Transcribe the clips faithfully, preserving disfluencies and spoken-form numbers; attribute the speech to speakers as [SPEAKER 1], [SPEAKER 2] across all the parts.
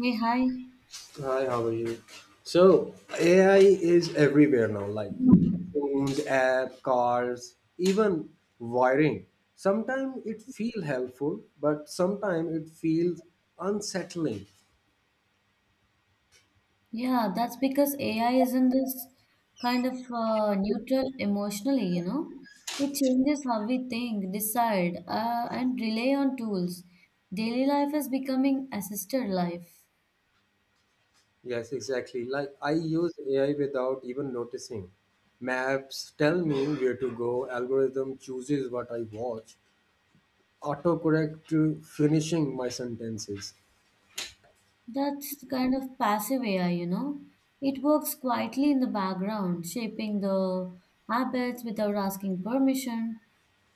[SPEAKER 1] Hey, hi.
[SPEAKER 2] Hi, how are you? So, A I is everywhere now, like phones, app, cars, even wiring. Sometimes it feels helpful, but sometimes it feels unsettling.
[SPEAKER 1] Yeah, that's because A I is in this kind of uh, neutral emotionally, you know. It changes how we think, decide, uh, and rely on tools. Daily life is becoming assisted life.
[SPEAKER 2] Yes, exactly. Like I use A I without even noticing. Maps tell me where to go, algorithm chooses what I watch, autocorrect to finishing my sentences.
[SPEAKER 1] That's the kind of passive A I, you know. It works quietly in the background, shaping the habits without asking permission.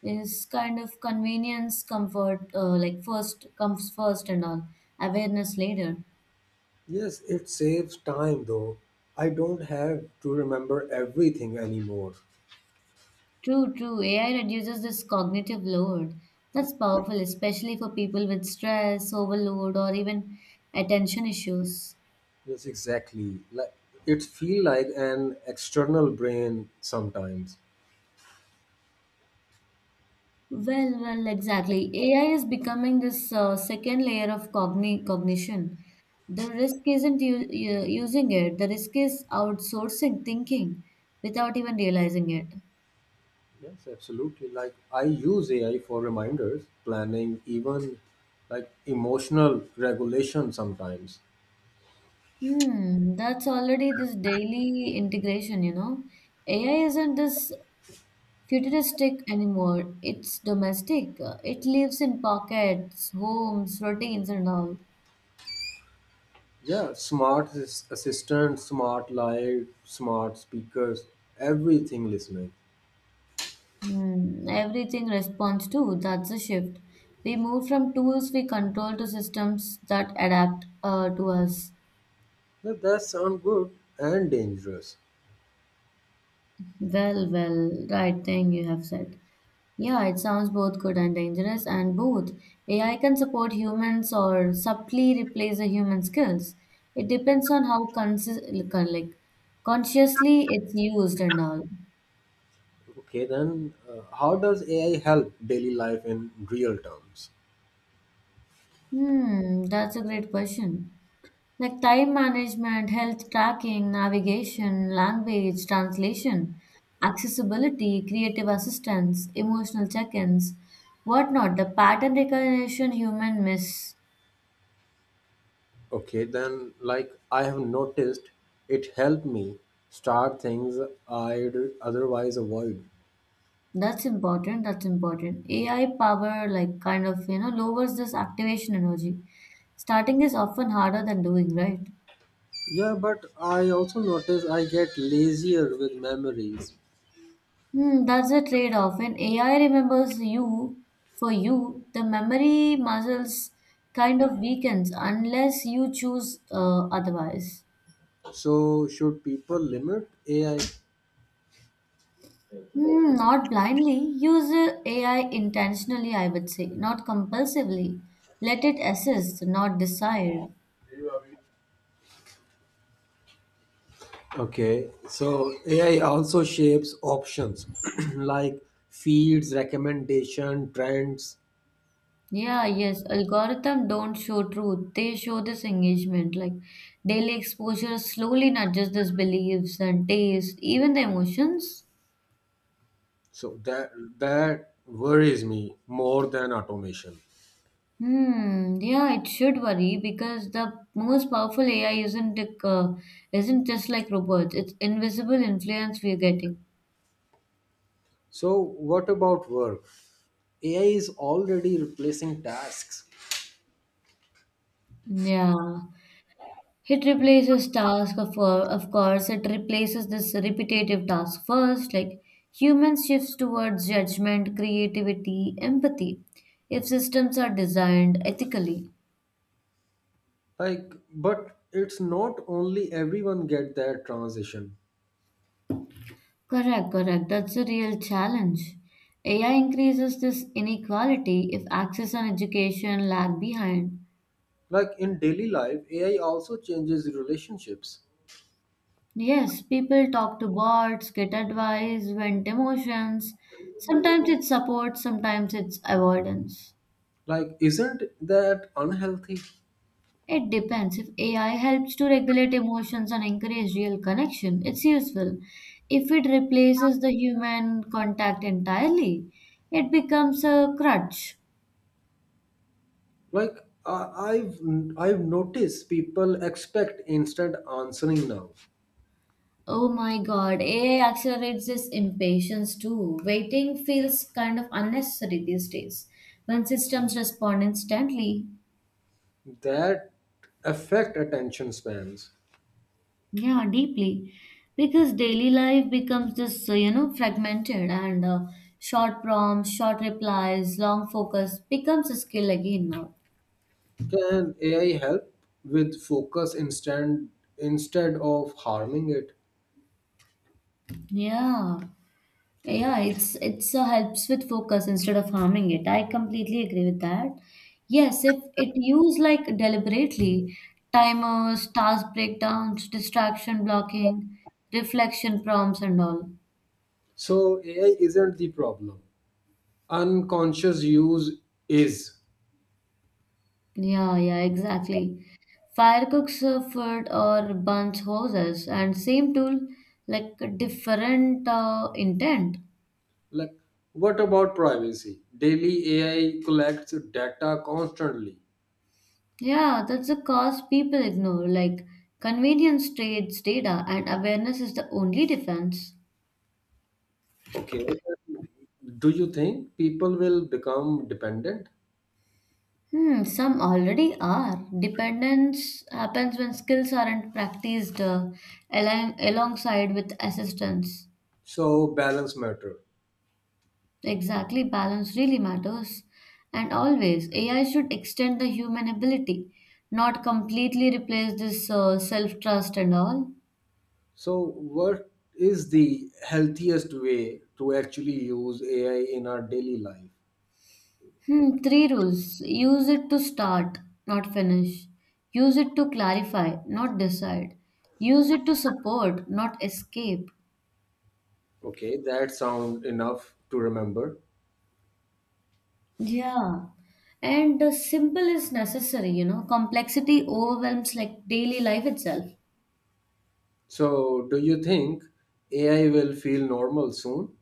[SPEAKER 1] Is kind of convenience, comfort, uh, like first comes first and all, awareness later.
[SPEAKER 2] Yes, it saves time though. I don't have to remember everything anymore.
[SPEAKER 1] True, true. A I reduces this cognitive load. That's powerful, especially for people with stress, overload, or even attention issues.
[SPEAKER 2] Yes, exactly. Like it feel like an external brain sometimes.
[SPEAKER 1] Well, well, exactly. A I is becoming this uh, second layer of cogni cognition. The risk isn't u u- using it, the risk is outsourcing thinking without even realizing it.
[SPEAKER 2] Yes, absolutely. Like I use A I for reminders, planning, even like emotional regulation sometimes.
[SPEAKER 1] Hmm, that's already this daily integration, you know. A I isn't this futuristic anymore. It's domestic. It lives in pockets, homes, routines, and all.
[SPEAKER 2] Yeah, smart ass- assistant, smart light, smart speakers, everything listening.
[SPEAKER 1] Hmm, everything responds to. That's a shift. We move from tools we control to systems that adapt uh, to us.
[SPEAKER 2] That, that sound good and dangerous.
[SPEAKER 1] Well, well, right thing you have said. Yeah, it sounds both good and dangerous, and both. A I can support humans or subtly replace the human skills. It depends on how consi- like consciously it's used and all.
[SPEAKER 2] Okay, then uh, how does A I help daily life in real terms?
[SPEAKER 1] Hmm, that's a great question. Like time management, health tracking, navigation, language, translation, accessibility, creative assistance, emotional check ins, whatnot, the pattern recognition human miss.
[SPEAKER 2] Okay, then like I have noticed it helped me start things I'd otherwise avoid.
[SPEAKER 1] That's important. That's important. A I power, like, kind of, you know, lowers this activation energy. Starting is often harder than doing, right?
[SPEAKER 2] Yeah, but I also notice I get lazier with memories.
[SPEAKER 1] Hmm, that's a trade-off. When A I remembers you for you, the memory muscles kind of weakens unless you choose uh, otherwise.
[SPEAKER 2] So should people limit A I?
[SPEAKER 1] Hmm, not blindly. Use uh, A I intentionally, I would say, not compulsively. Let it assist, not decide.
[SPEAKER 2] Okay, so A I also shapes options like feeds, recommendation, trends.
[SPEAKER 1] Yeah, yes. Algorithm don't show truth. They show this engagement. Like daily exposure slowly nudges these beliefs and tastes, even the emotions.
[SPEAKER 2] So that that worries me more than automation.
[SPEAKER 1] Hmm, yeah, it should worry because the most powerful A I isn't the, uh, isn't just like robots. It's invisible influence we're getting.
[SPEAKER 2] So what about work? A I is already replacing tasks.
[SPEAKER 1] Yeah, it replaces task of cour- of course. It replaces this repetitive task first. Like humans shifts towards judgment, creativity, empathy. If systems are designed ethically,
[SPEAKER 2] Like but it's not only everyone get that transition.
[SPEAKER 1] correct, correct. That's a real challenge. A I increases this inequality if access and education lag behind.
[SPEAKER 2] Like in daily life, A I also changes relationships.
[SPEAKER 1] Yes, people talk to bots, get advice, vent emotions. Sometimes it's support, sometimes it's avoidance.
[SPEAKER 2] Like isn't that unhealthy?
[SPEAKER 1] It depends. If A I helps to regulate emotions and encourage real connection, it's useful. If it replaces the human contact entirely, it becomes a crutch.
[SPEAKER 2] Like I- I've I've noticed people expect instant answering now.
[SPEAKER 1] Oh my god, A I accelerates this impatience too. Waiting feels kind of unnecessary these days. When systems respond instantly,
[SPEAKER 2] That affect attention spans.
[SPEAKER 1] yeah, deeply. Because daily life becomes this, uh, you know, fragmented and uh, short prompts, short replies, long focus becomes a skill again now.
[SPEAKER 2] Can A I help with focus instead instead of harming it?
[SPEAKER 1] Yeah. Yeah, it's it's uh, helps with focus instead of harming it. I completely agree with that. Yes, if it used like deliberately, timers, task breakdowns, distraction blocking, reflection prompts and all.
[SPEAKER 2] So A I isn't the problem. Unconscious use is.
[SPEAKER 1] Yeah, yeah, exactly. Fire cooks uh, food or burns hoses, and same tool, like a different uh, intent.
[SPEAKER 2] Like what about privacy? Daily A I collects data constantly.
[SPEAKER 1] Yeah, that's the cause people ignore. Like convenience trades data, and awareness is the only defense.
[SPEAKER 2] Okay. Do you think people will become dependent?
[SPEAKER 1] Hmm, some already are. Dependence happens when skills aren't practiced uh, along alongside with assistance.
[SPEAKER 2] So balance matter.
[SPEAKER 1] Exactly, balance really matters. And always, A I should extend the human ability, not completely replace this uh, self trust and all.
[SPEAKER 2] So what is the healthiest way to actually use A I in our daily life?
[SPEAKER 1] Hmm, three rules use it to start, not finish. Use it to clarify, not decide. Use it to support, not escape.
[SPEAKER 2] Okay, that sound enough to remember.
[SPEAKER 1] Yeah. And the simple is necessary, you know. Complexity overwhelms like daily life itself.
[SPEAKER 2] So, do you think A I will feel normal soon?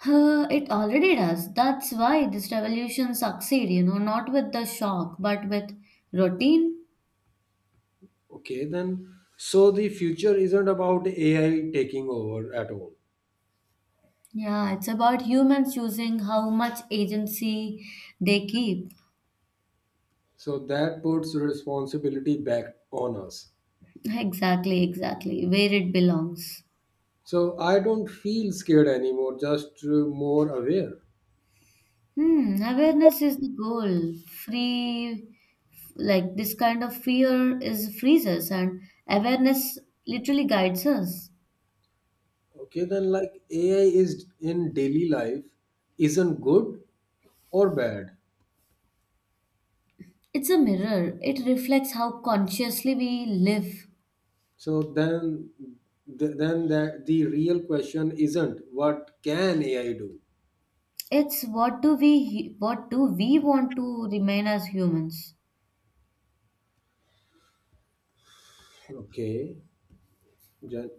[SPEAKER 1] Huh, it already does. That's why this revolution succeed, you know, not with the shock, but with routine.
[SPEAKER 2] Okay, then. So, the future isn't about A I taking over at all.
[SPEAKER 1] Yeah, it's about humans choosing how much agency they keep.
[SPEAKER 2] So, that puts responsibility back on us.
[SPEAKER 1] Exactly, exactly. Where it belongs.
[SPEAKER 2] So, I don't feel scared anymore, just uh, more aware.
[SPEAKER 1] Hmm, awareness is the goal. Free, like this kind of fear is frees us, and awareness literally guides us.
[SPEAKER 2] Okay, then, like A I is in daily life isn't good or bad.
[SPEAKER 1] It's a mirror. It reflects how consciously we live.
[SPEAKER 2] So then, th- then that the real question isn't what can A I do?
[SPEAKER 1] It's what do we what do we want to remain as humans?
[SPEAKER 2] Okay, Jan-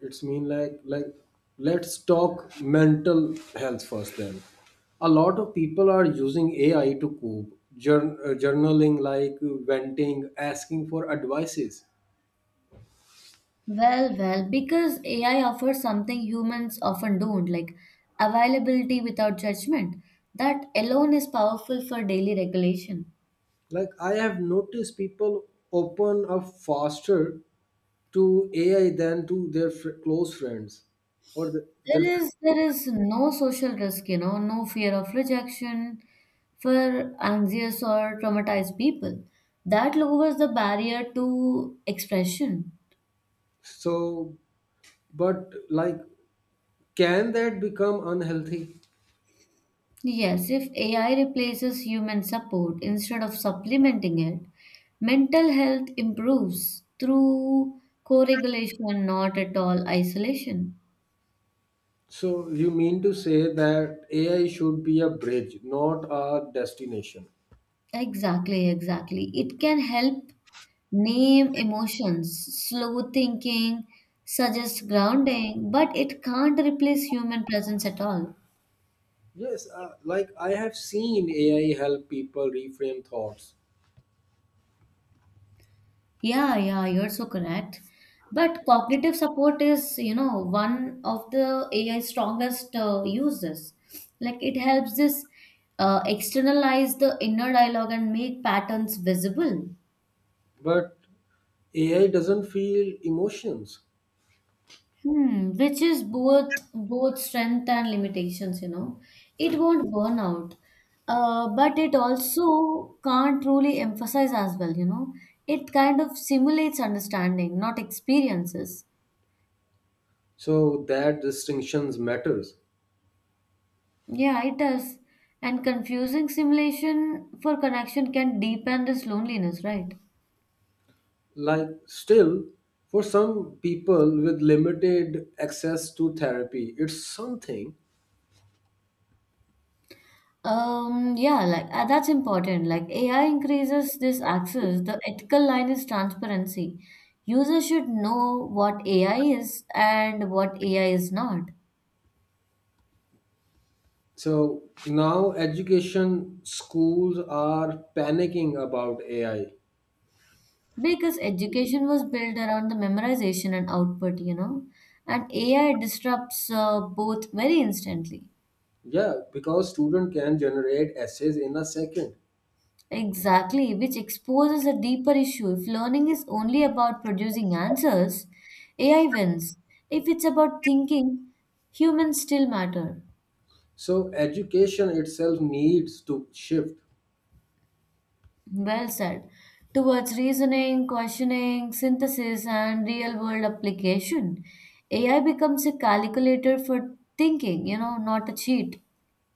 [SPEAKER 2] it's mean like like let's talk mental health first. Then, a lot of people are using A I to cope, jour- uh, journaling, like venting, asking for advices.
[SPEAKER 1] Well, well, because A I offers something humans often don't, like availability without judgment. That alone is powerful for daily regulation.
[SPEAKER 2] Like I have noticed people open up faster to A I than to their fr- close friends or the, their.
[SPEAKER 1] There is there is no social risk, you know, no fear of rejection for anxious or traumatized people. That lowers the barrier to expression.
[SPEAKER 2] So but like can that become unhealthy?
[SPEAKER 1] Yes, if A I replaces human support instead of supplementing it, mental health improves through co regulation, not at all isolation.
[SPEAKER 2] So you mean to say that AI should be a bridge, not a destination?
[SPEAKER 1] Exactly, exactly. It can help name emotions, slow thinking, suggest grounding, but it can't replace human presence at all.
[SPEAKER 2] Yes, uh, like I have seen AI help people reframe thoughts.
[SPEAKER 1] Yeah, yeah, you're so correct. But cognitive support is, you know, one of the A I strongest uh, uses. Like it helps this uh, externalize the inner dialogue and make patterns visible.
[SPEAKER 2] But AI doesn't feel emotions.
[SPEAKER 1] Hmm, which is both both strength and limitations, you know. It won't burn out, uh, but it also can't really emphasize as well, you know. It kind of simulates understanding, not experiences.
[SPEAKER 2] So that distinctions matters.
[SPEAKER 1] Yeah, it does. And confusing simulation for connection can deepen this loneliness, right?
[SPEAKER 2] Like still, for some people with limited access to therapy, it's something.
[SPEAKER 1] Um, yeah, like uh, that's important. Like A I increases this access. The ethical line is transparency. Users should know what A I is and what A I is not.
[SPEAKER 2] So now education schools are panicking about A I.
[SPEAKER 1] Because education was built around the memorization and output, you know, and A I disrupts uh, both very instantly.
[SPEAKER 2] Yeah, because student can generate essays in a second.
[SPEAKER 1] Exactly, which exposes a deeper issue. If learning is only about producing answers, A I wins. If it's about thinking, humans still matter.
[SPEAKER 2] So education itself needs to shift.
[SPEAKER 1] Well said. Towards reasoning, questioning, synthesis, and real world application, A I becomes a calculator for thinking, you know, not a cheat.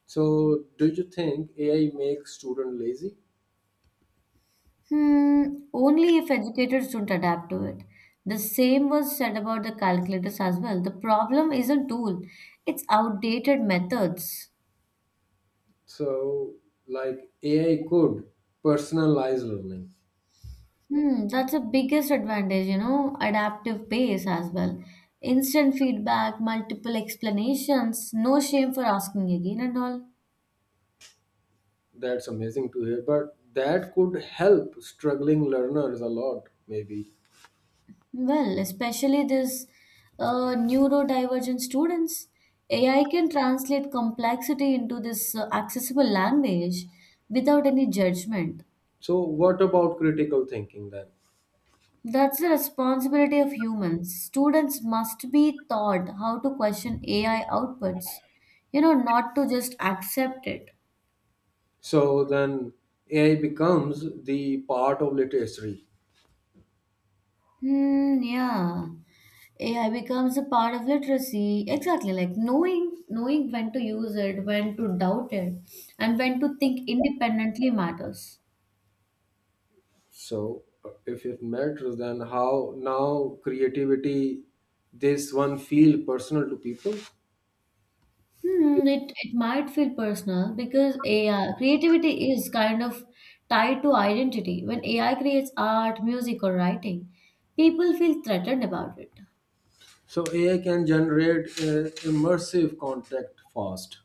[SPEAKER 2] So do you think A I makes student lazy?
[SPEAKER 1] Hmm, only if educators don't adapt to it. The same was said about the calculators as well. The problem isn't tool, it's outdated methods.
[SPEAKER 2] So like A I could personalize learning.
[SPEAKER 1] Hmm, that's the biggest advantage, you know, adaptive pace as well. Instant feedback, multiple explanations, no shame for asking again and all.
[SPEAKER 2] That's amazing to hear, but that could help struggling learners a lot maybe.
[SPEAKER 1] Well, especially this uh, neurodivergent students, A I can translate complexity into this uh, accessible language without any judgment.
[SPEAKER 2] So what about critical thinking then?
[SPEAKER 1] That's the responsibility of humans. Students must be taught how to question A I outputs, you know, not to just accept it.
[SPEAKER 2] So then A I becomes the part of literacy.
[SPEAKER 1] Hmm, yeah. A I becomes a part of literacy. Exactly, like knowing knowing when to use it, when to doubt it, and when to think independently matters.
[SPEAKER 2] So uh, if it matters, then how now creativity, this one feel personal to people.
[SPEAKER 1] Hmm, it it might feel personal because A I creativity is kind of tied to identity. When A I creates art, music, or writing, people feel threatened about it.
[SPEAKER 2] So A I can generate uh, immersive content fast.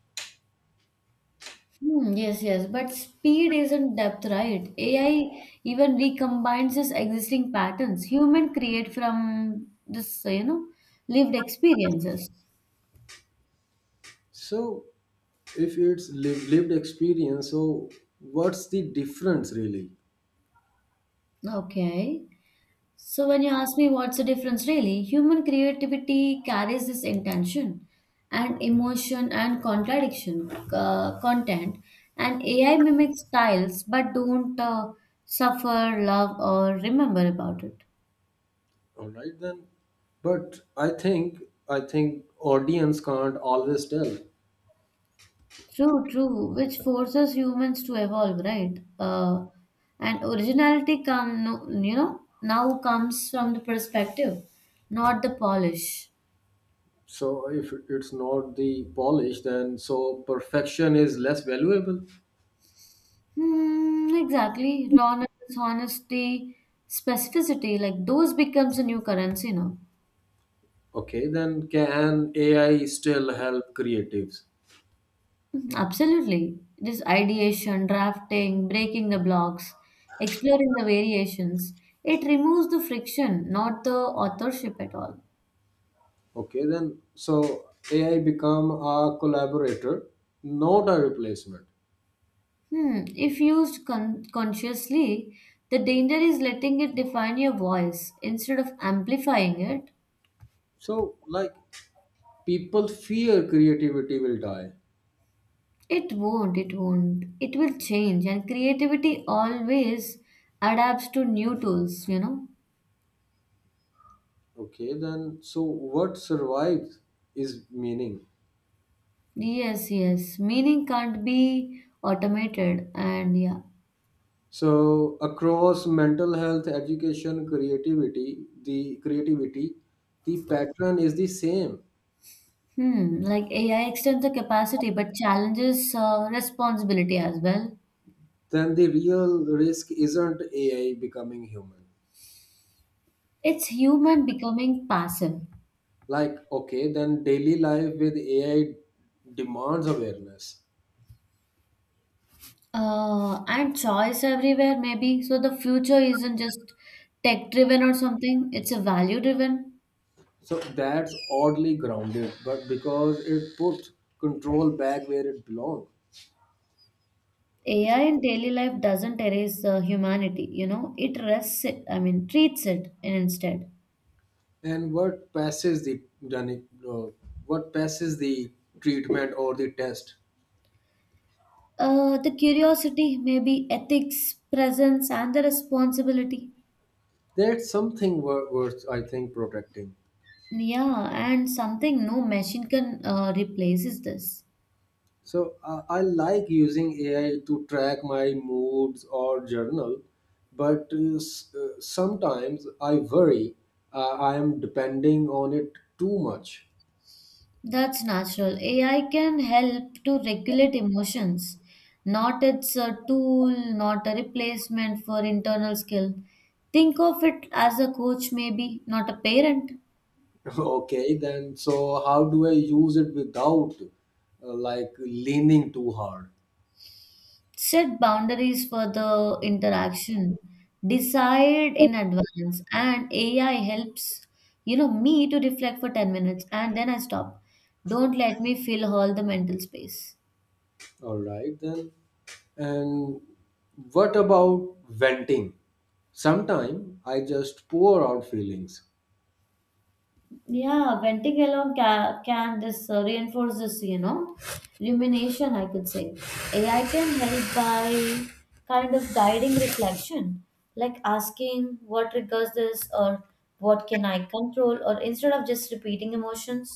[SPEAKER 1] Hmm, yes, yes, but speed isn't depth, right? A I even recombines its existing patterns. Human create from this, uh, you know, lived experiences.
[SPEAKER 2] So if it's liv- lived experience, so what's the difference really?
[SPEAKER 1] Okay. So when you ask me what's the difference really, human creativity carries this intention and emotion and contradiction uh, content, and A I mimics styles but don't uh, suffer, love, or remember about it.
[SPEAKER 2] All right then, but I think I think audience can't always tell.
[SPEAKER 1] True, true, which forces humans to evolve, right? Uh, and originality come, no- you know, now comes from the perspective, not the polish.
[SPEAKER 2] So if it's not the polish, then so perfection is less valuable.
[SPEAKER 1] Hmm, exactly. Rawness, honesty, specificity, like those becomes a new currency now.
[SPEAKER 2] Okay, then can A I still help creatives?
[SPEAKER 1] Mhm, absolutely. This ideation, drafting, breaking the blocks, exploring the variations, it removes the friction, not the authorship at all.
[SPEAKER 2] Okay, then so A I become a collaborator, not a replacement.
[SPEAKER 1] Hmm. If used con- consciously, the danger is letting it define your voice instead of amplifying it.
[SPEAKER 2] So like people fear creativity will die.
[SPEAKER 1] It won't, it won't. It will change, and creativity always adapts to new tools, you know?
[SPEAKER 2] Okay, then so what survives is meaning.
[SPEAKER 1] Yes, yes. Meaning can't be automated, and yeah.
[SPEAKER 2] So across mental health, education, creativity, the creativity, the pattern is the same.
[SPEAKER 1] Hmm. Like A I extends the capacity but challenges uh, responsibility as well.
[SPEAKER 2] Then the real risk isn't A I becoming human.
[SPEAKER 1] It's human becoming passive.
[SPEAKER 2] Like okay, then daily life with A I demands awareness.
[SPEAKER 1] Uh, and choice everywhere, maybe. So the future isn't just tech driven or something, it's a value driven.
[SPEAKER 2] So that's oddly grounded, but because it puts control back where it belongs.
[SPEAKER 1] A I in daily life doesn't erase uh, humanity, you know, it rests it, I mean, treats it instead.
[SPEAKER 2] And what passes the uh, what passes the treatment or the test?
[SPEAKER 1] Uh, the curiosity, maybe ethics, presence, and the responsibility.
[SPEAKER 2] That's something wor- worth, I think, protecting.
[SPEAKER 1] Yeah, and something no machine can uh, replaces this.
[SPEAKER 2] So uh, I like using A I to track my moods or journal, but uh, s- uh, sometimes I worry uh, I am depending on it too much.
[SPEAKER 1] That's natural. A I can help to regulate emotions. Not it's a tool, not a replacement for internal skill. Think of it as a coach, maybe, not a parent.
[SPEAKER 2] okay, then so how do I use it without uh, like leaning too hard?
[SPEAKER 1] Set boundaries for the interaction. Decide in advance. And A I helps, you know, me to reflect for ten minutes and then I stop. Don't let me fill all the mental space.
[SPEAKER 2] All right, then. And what about venting? Sometimes I just pour out feelings.
[SPEAKER 1] Yeah, venting alone ca- can this uh, reinforce this, you know, rumination, I could say. A I can help by kind of guiding reflection, like asking what triggers this or what can I control, or instead of just repeating emotions.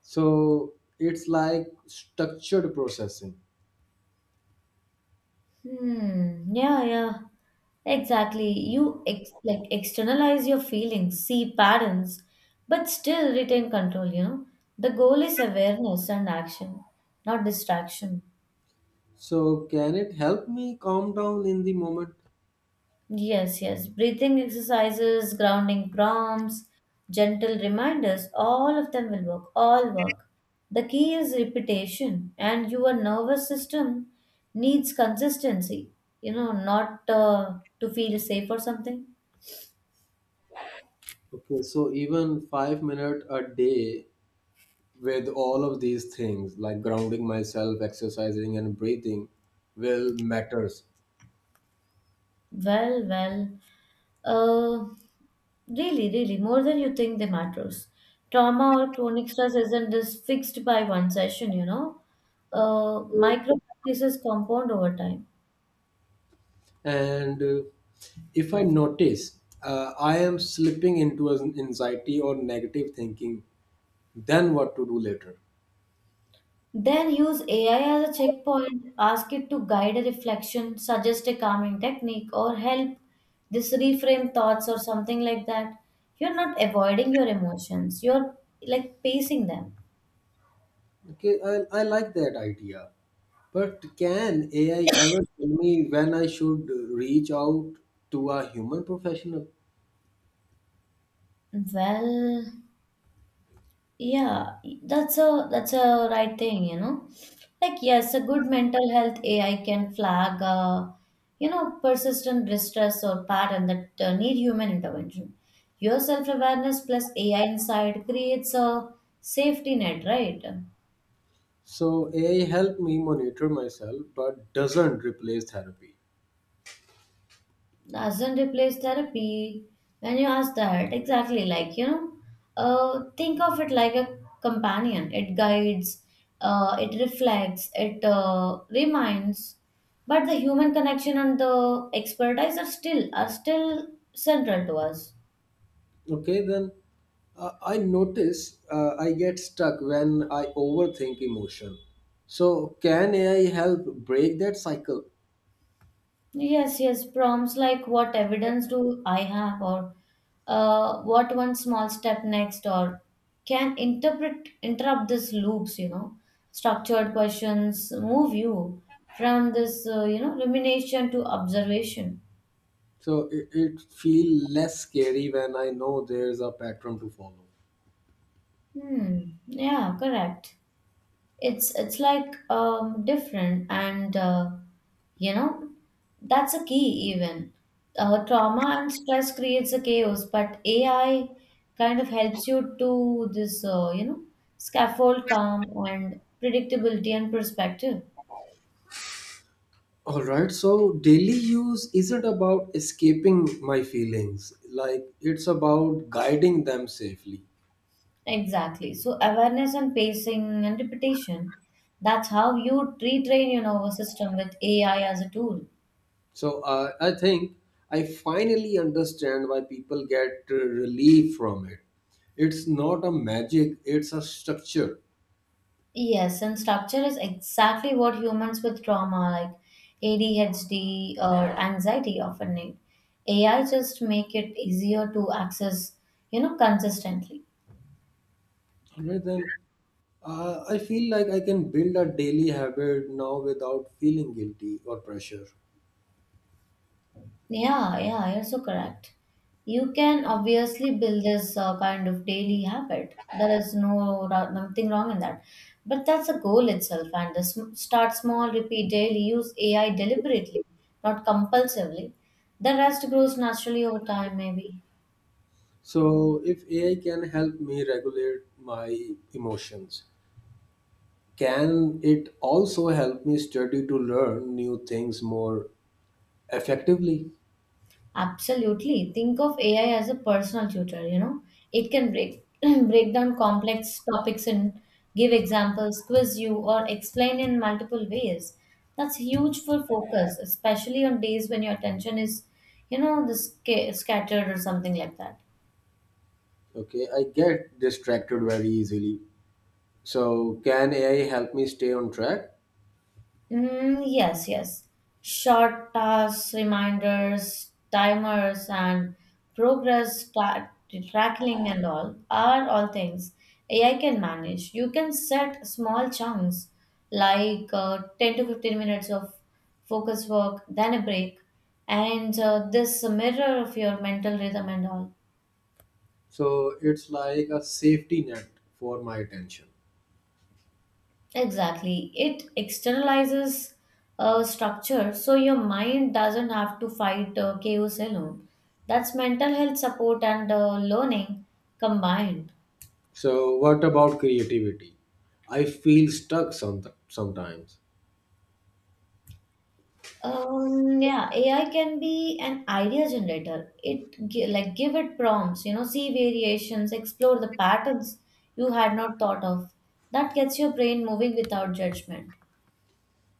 [SPEAKER 2] So it's like structured processing.
[SPEAKER 1] Hmm. Yeah, yeah. Exactly. You ex- like externalize your feelings, see patterns, but still retain control, you know. The goal is awareness and action, not distraction.
[SPEAKER 2] So can it help me calm down in the moment?
[SPEAKER 1] Yes, yes. Breathing exercises, grounding prompts, gentle reminders, all of them will work, all work. The key is repetition, and your nervous system needs consistency, you know, not uh, to feel safe or something.
[SPEAKER 2] Okay, so even five minutes a day with all of these things like grounding myself, exercising, and breathing will matters.
[SPEAKER 1] Well, well, uh, really, really, more than you think they matters. Trauma or chronic stress isn't just fixed by one session, you know. Uh, micro practices compound over time.
[SPEAKER 2] And uh, if I notice uh, I am slipping into an anxiety or negative thinking, then what to do later?
[SPEAKER 1] Then use A I as a checkpoint, ask it to guide a reflection, suggest a calming technique, or help this reframe thoughts or something like that. You're not avoiding your emotions, you're like pacing them.
[SPEAKER 2] Okay, I, I like that idea. But can A I ever tell me when I should reach out to a human professional?
[SPEAKER 1] Well, yeah, that's a that's a right thing, you know. Like yes, a good mental health A I can flag, uh, you know, persistent distress or pattern that uh, need human intervention. Your self awareness plus A I insight creates a safety net, right?
[SPEAKER 2] So A I help me monitor myself but doesn't replace therapy.
[SPEAKER 1] Doesn't replace therapy. When you ask that, exactly like you know, uh, think of it like a companion. It guides, uh, it reflects, it uh, reminds. But the human connection and the expertise are still are still central to us.
[SPEAKER 2] Okay, then uh, I notice uh, I get stuck when I overthink emotion. So can A I help break that cycle?
[SPEAKER 1] Yes, yes, prompts like what evidence do I have, or uh, what one small step next, or can interpret interrupt this loops, you know. Structured questions move you from this, uh, you know, rumination to observation.
[SPEAKER 2] So it, it feel less scary when I know there's a pattern to follow.
[SPEAKER 1] Hmm. Yeah, correct. It's it's like um different and uh, you know that's a key even uh, trauma and stress creates a chaos but AI kind of helps you to this uh, you know scaffold calm and predictability and perspective.
[SPEAKER 2] All right, so daily use isn't about escaping my feelings, like it's about guiding them safely.
[SPEAKER 1] Exactly, so awareness and pacing and repetition, that's how you retrain your nervous system with AI as a tool.
[SPEAKER 2] So uh, I think I finally understand why people get uh, relief from it. It's not a magic, it's a structure.
[SPEAKER 1] Yes, and structure is exactly what humans with trauma like A D H D or anxiety often need. A I just make it easier to access, you know, consistently.
[SPEAKER 2] All right, then uh, I feel like I can build a daily habit now without feeling guilty or pressure.
[SPEAKER 1] Yeah, yeah, you're so correct. You can obviously build this uh, kind of daily habit. There is no ra- nothing wrong in that. But that's a goal itself, and the sm- start small, repeat daily, use A I deliberately, not compulsively. The rest grows naturally over time, maybe.
[SPEAKER 2] So if A I can help me regulate my emotions, can it also help me study to learn new things more effectively?
[SPEAKER 1] Absolutely. Think of A I as a personal tutor, you know. It can break break down complex topics and give examples, quiz you, or explain in multiple ways. That's huge for focus, especially on days when your attention is, you know, the sca- scattered or something like that.
[SPEAKER 2] Okay, I get distracted very easily. So, can A I help me stay on track?
[SPEAKER 1] Mm, yes, yes. Short tasks, reminders, timers, and progress tra- tracking and all are all things A I can manage. You can set small chunks like uh, ten to fifteen minutes of focus work, then a break, and uh, this mirror of your mental rhythm and all.
[SPEAKER 2] So, it's like a safety net for my attention.
[SPEAKER 1] Exactly. It externalizes uh, structure so your mind doesn't have to fight uh, chaos alone. That's mental health support and uh, learning combined.
[SPEAKER 2] So, what about creativity? I feel stuck some, sometimes.
[SPEAKER 1] Um, yeah, A I can be an idea generator. It gi- like give it prompts, you know, see variations, explore the patterns you had not thought of. That gets your brain moving without judgment.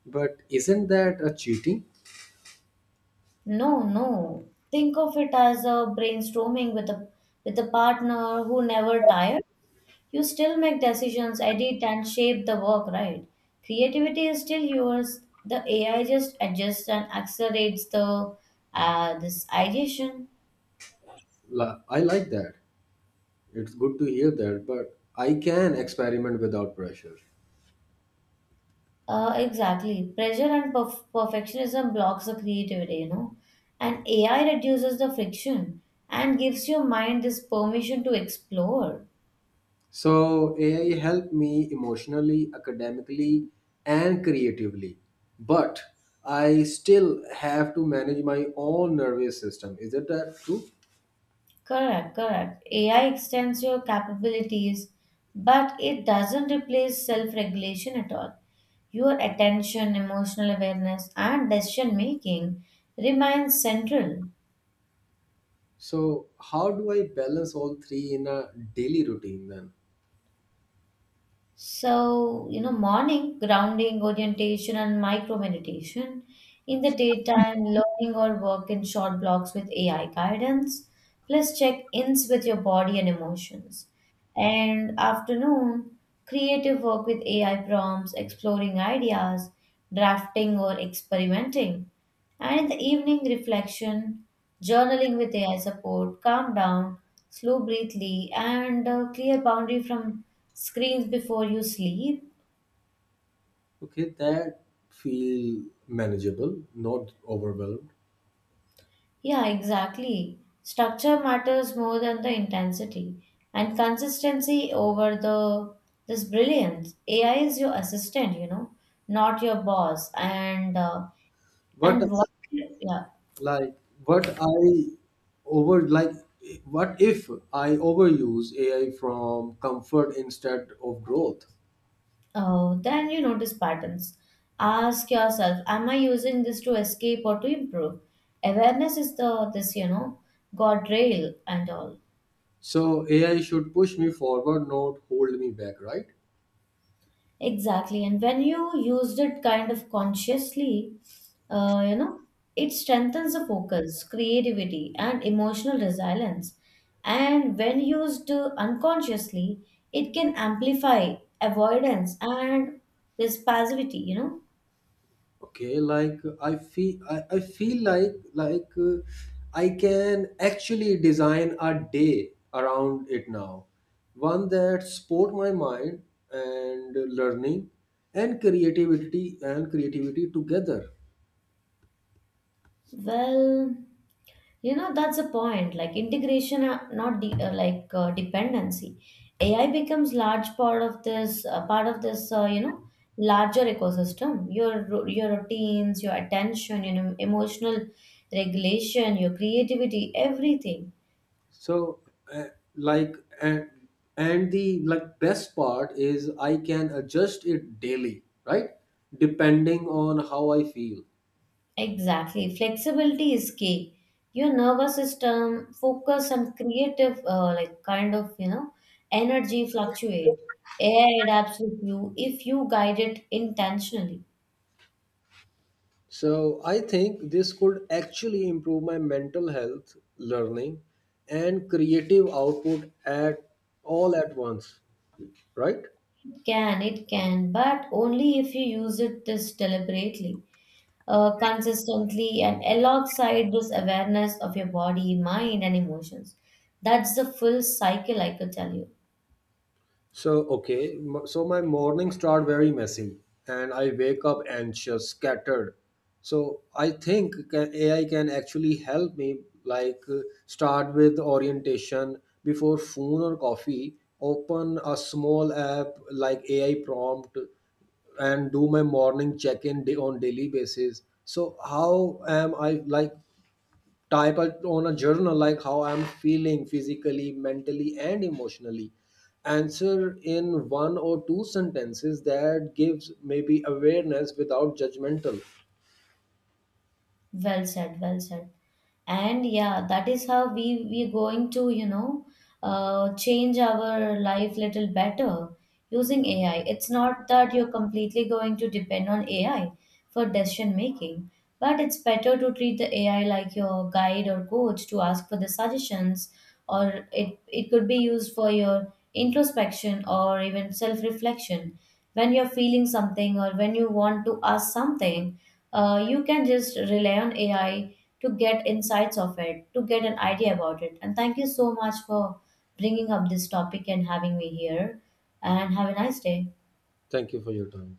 [SPEAKER 2] But isn't that a cheating?
[SPEAKER 1] No, no. Think of it as a brainstorming with a with a partner who never tired. You still make decisions, edit and shape the work, right? Creativity is still yours. The A I just adjusts and accelerates the uh, this ideation.
[SPEAKER 2] La, I like that. It's good to hear that, but I can experiment without pressure.
[SPEAKER 1] Uh, exactly. Pressure and perf- perfectionism blocks the creativity, you know. And A I reduces the friction and gives your mind this permission to explore.
[SPEAKER 2] So A I helped me emotionally, academically, and creatively. But I still have to manage my own nervous system. Is that that true?
[SPEAKER 1] Correct, correct. A I extends your capabilities, but it doesn't replace self regulation at all. Your attention, emotional awareness, and decision making remain central.
[SPEAKER 2] So how do I balance all three in a daily routine then?
[SPEAKER 1] So, you know, morning grounding, orientation, and micro meditation. In the daytime, learning or work in short blocks with A I guidance, plus check ins with your body and emotions. And afternoon, creative work with A I prompts, exploring ideas, drafting or experimenting. And in the evening, reflection, journaling with A I support, calm down, slow breathly, and a clear boundary from screens before you sleep.
[SPEAKER 2] Okay, that feel manageable, not overwhelmed.
[SPEAKER 1] Yeah, exactly. Structure matters more than the intensity, and consistency over the this brilliance. A I is your assistant, you know, not your boss. And uh,
[SPEAKER 2] What
[SPEAKER 1] and what? Yeah,
[SPEAKER 2] like what I over like what if I overuse A I from comfort instead of growth?
[SPEAKER 1] oh, then you notice patterns. Ask yourself, am I using this to escape or to improve? Awareness is the this, you know, guardrail and all.
[SPEAKER 2] So A I should push me forward, not hold me back, right?
[SPEAKER 1] Exactly. And when you used it kind of consciously, uh, you know, it strengthens the focus, creativity, and emotional resilience. And when used uh, unconsciously, it can amplify avoidance and this passivity, you know.
[SPEAKER 2] Okay, like I feel, I, I feel like like uh, I can actually design a day around it now, one that support my mind and learning and creativity and creativity together.
[SPEAKER 1] Well, You know, that's the point. Like integration, uh, not de- uh, like uh, dependency. A I becomes large part of this uh, part of this. Uh, you know, larger ecosystem. Your ro- your routines, your attention, you know, emotional regulation, your creativity, everything.
[SPEAKER 2] So, uh, like and and the like best part is I can adjust it daily, right? Depending on how I feel.
[SPEAKER 1] Exactly. Flexibility is key. Your nervous system, focus, and creative, uh, like kind of you know, energy fluctuate. A I adapts with you if you guide it intentionally.
[SPEAKER 2] So I think this could actually improve my mental health, learning, and creative output at all at once, right?
[SPEAKER 1] Can, it can, but only if you use it this deliberately, uh, consistently, and alongside this awareness of your body, mind, and emotions. That's the full cycle, I could tell you.
[SPEAKER 2] So okay, m- so my mornings start very messy, and I wake up anxious, scattered. So I think ca- A I can actually help me, like uh, start with orientation before phone or coffee. Open a small app like A I prompt and do my morning check-in day on daily basis, so how am I, like type out on a journal like how I'm feeling physically, mentally, and emotionally, answer in one or two sentences that gives maybe awareness without judgmental.
[SPEAKER 1] Well said, well said. And yeah, that is how we we're going to, you know, uh, change our life little better using A I. It's not that you're completely going to depend on A I for decision making, but it's better to treat the A I like your guide or coach to ask for the suggestions, or it it could be used for your introspection or even self reflection when you're feeling something or when you want to ask something uh, you can just rely on A I to get insights of it, to get an idea about it. And thank you so much for bringing up this topic and having me here. And have a nice day.
[SPEAKER 2] Thank you for your time.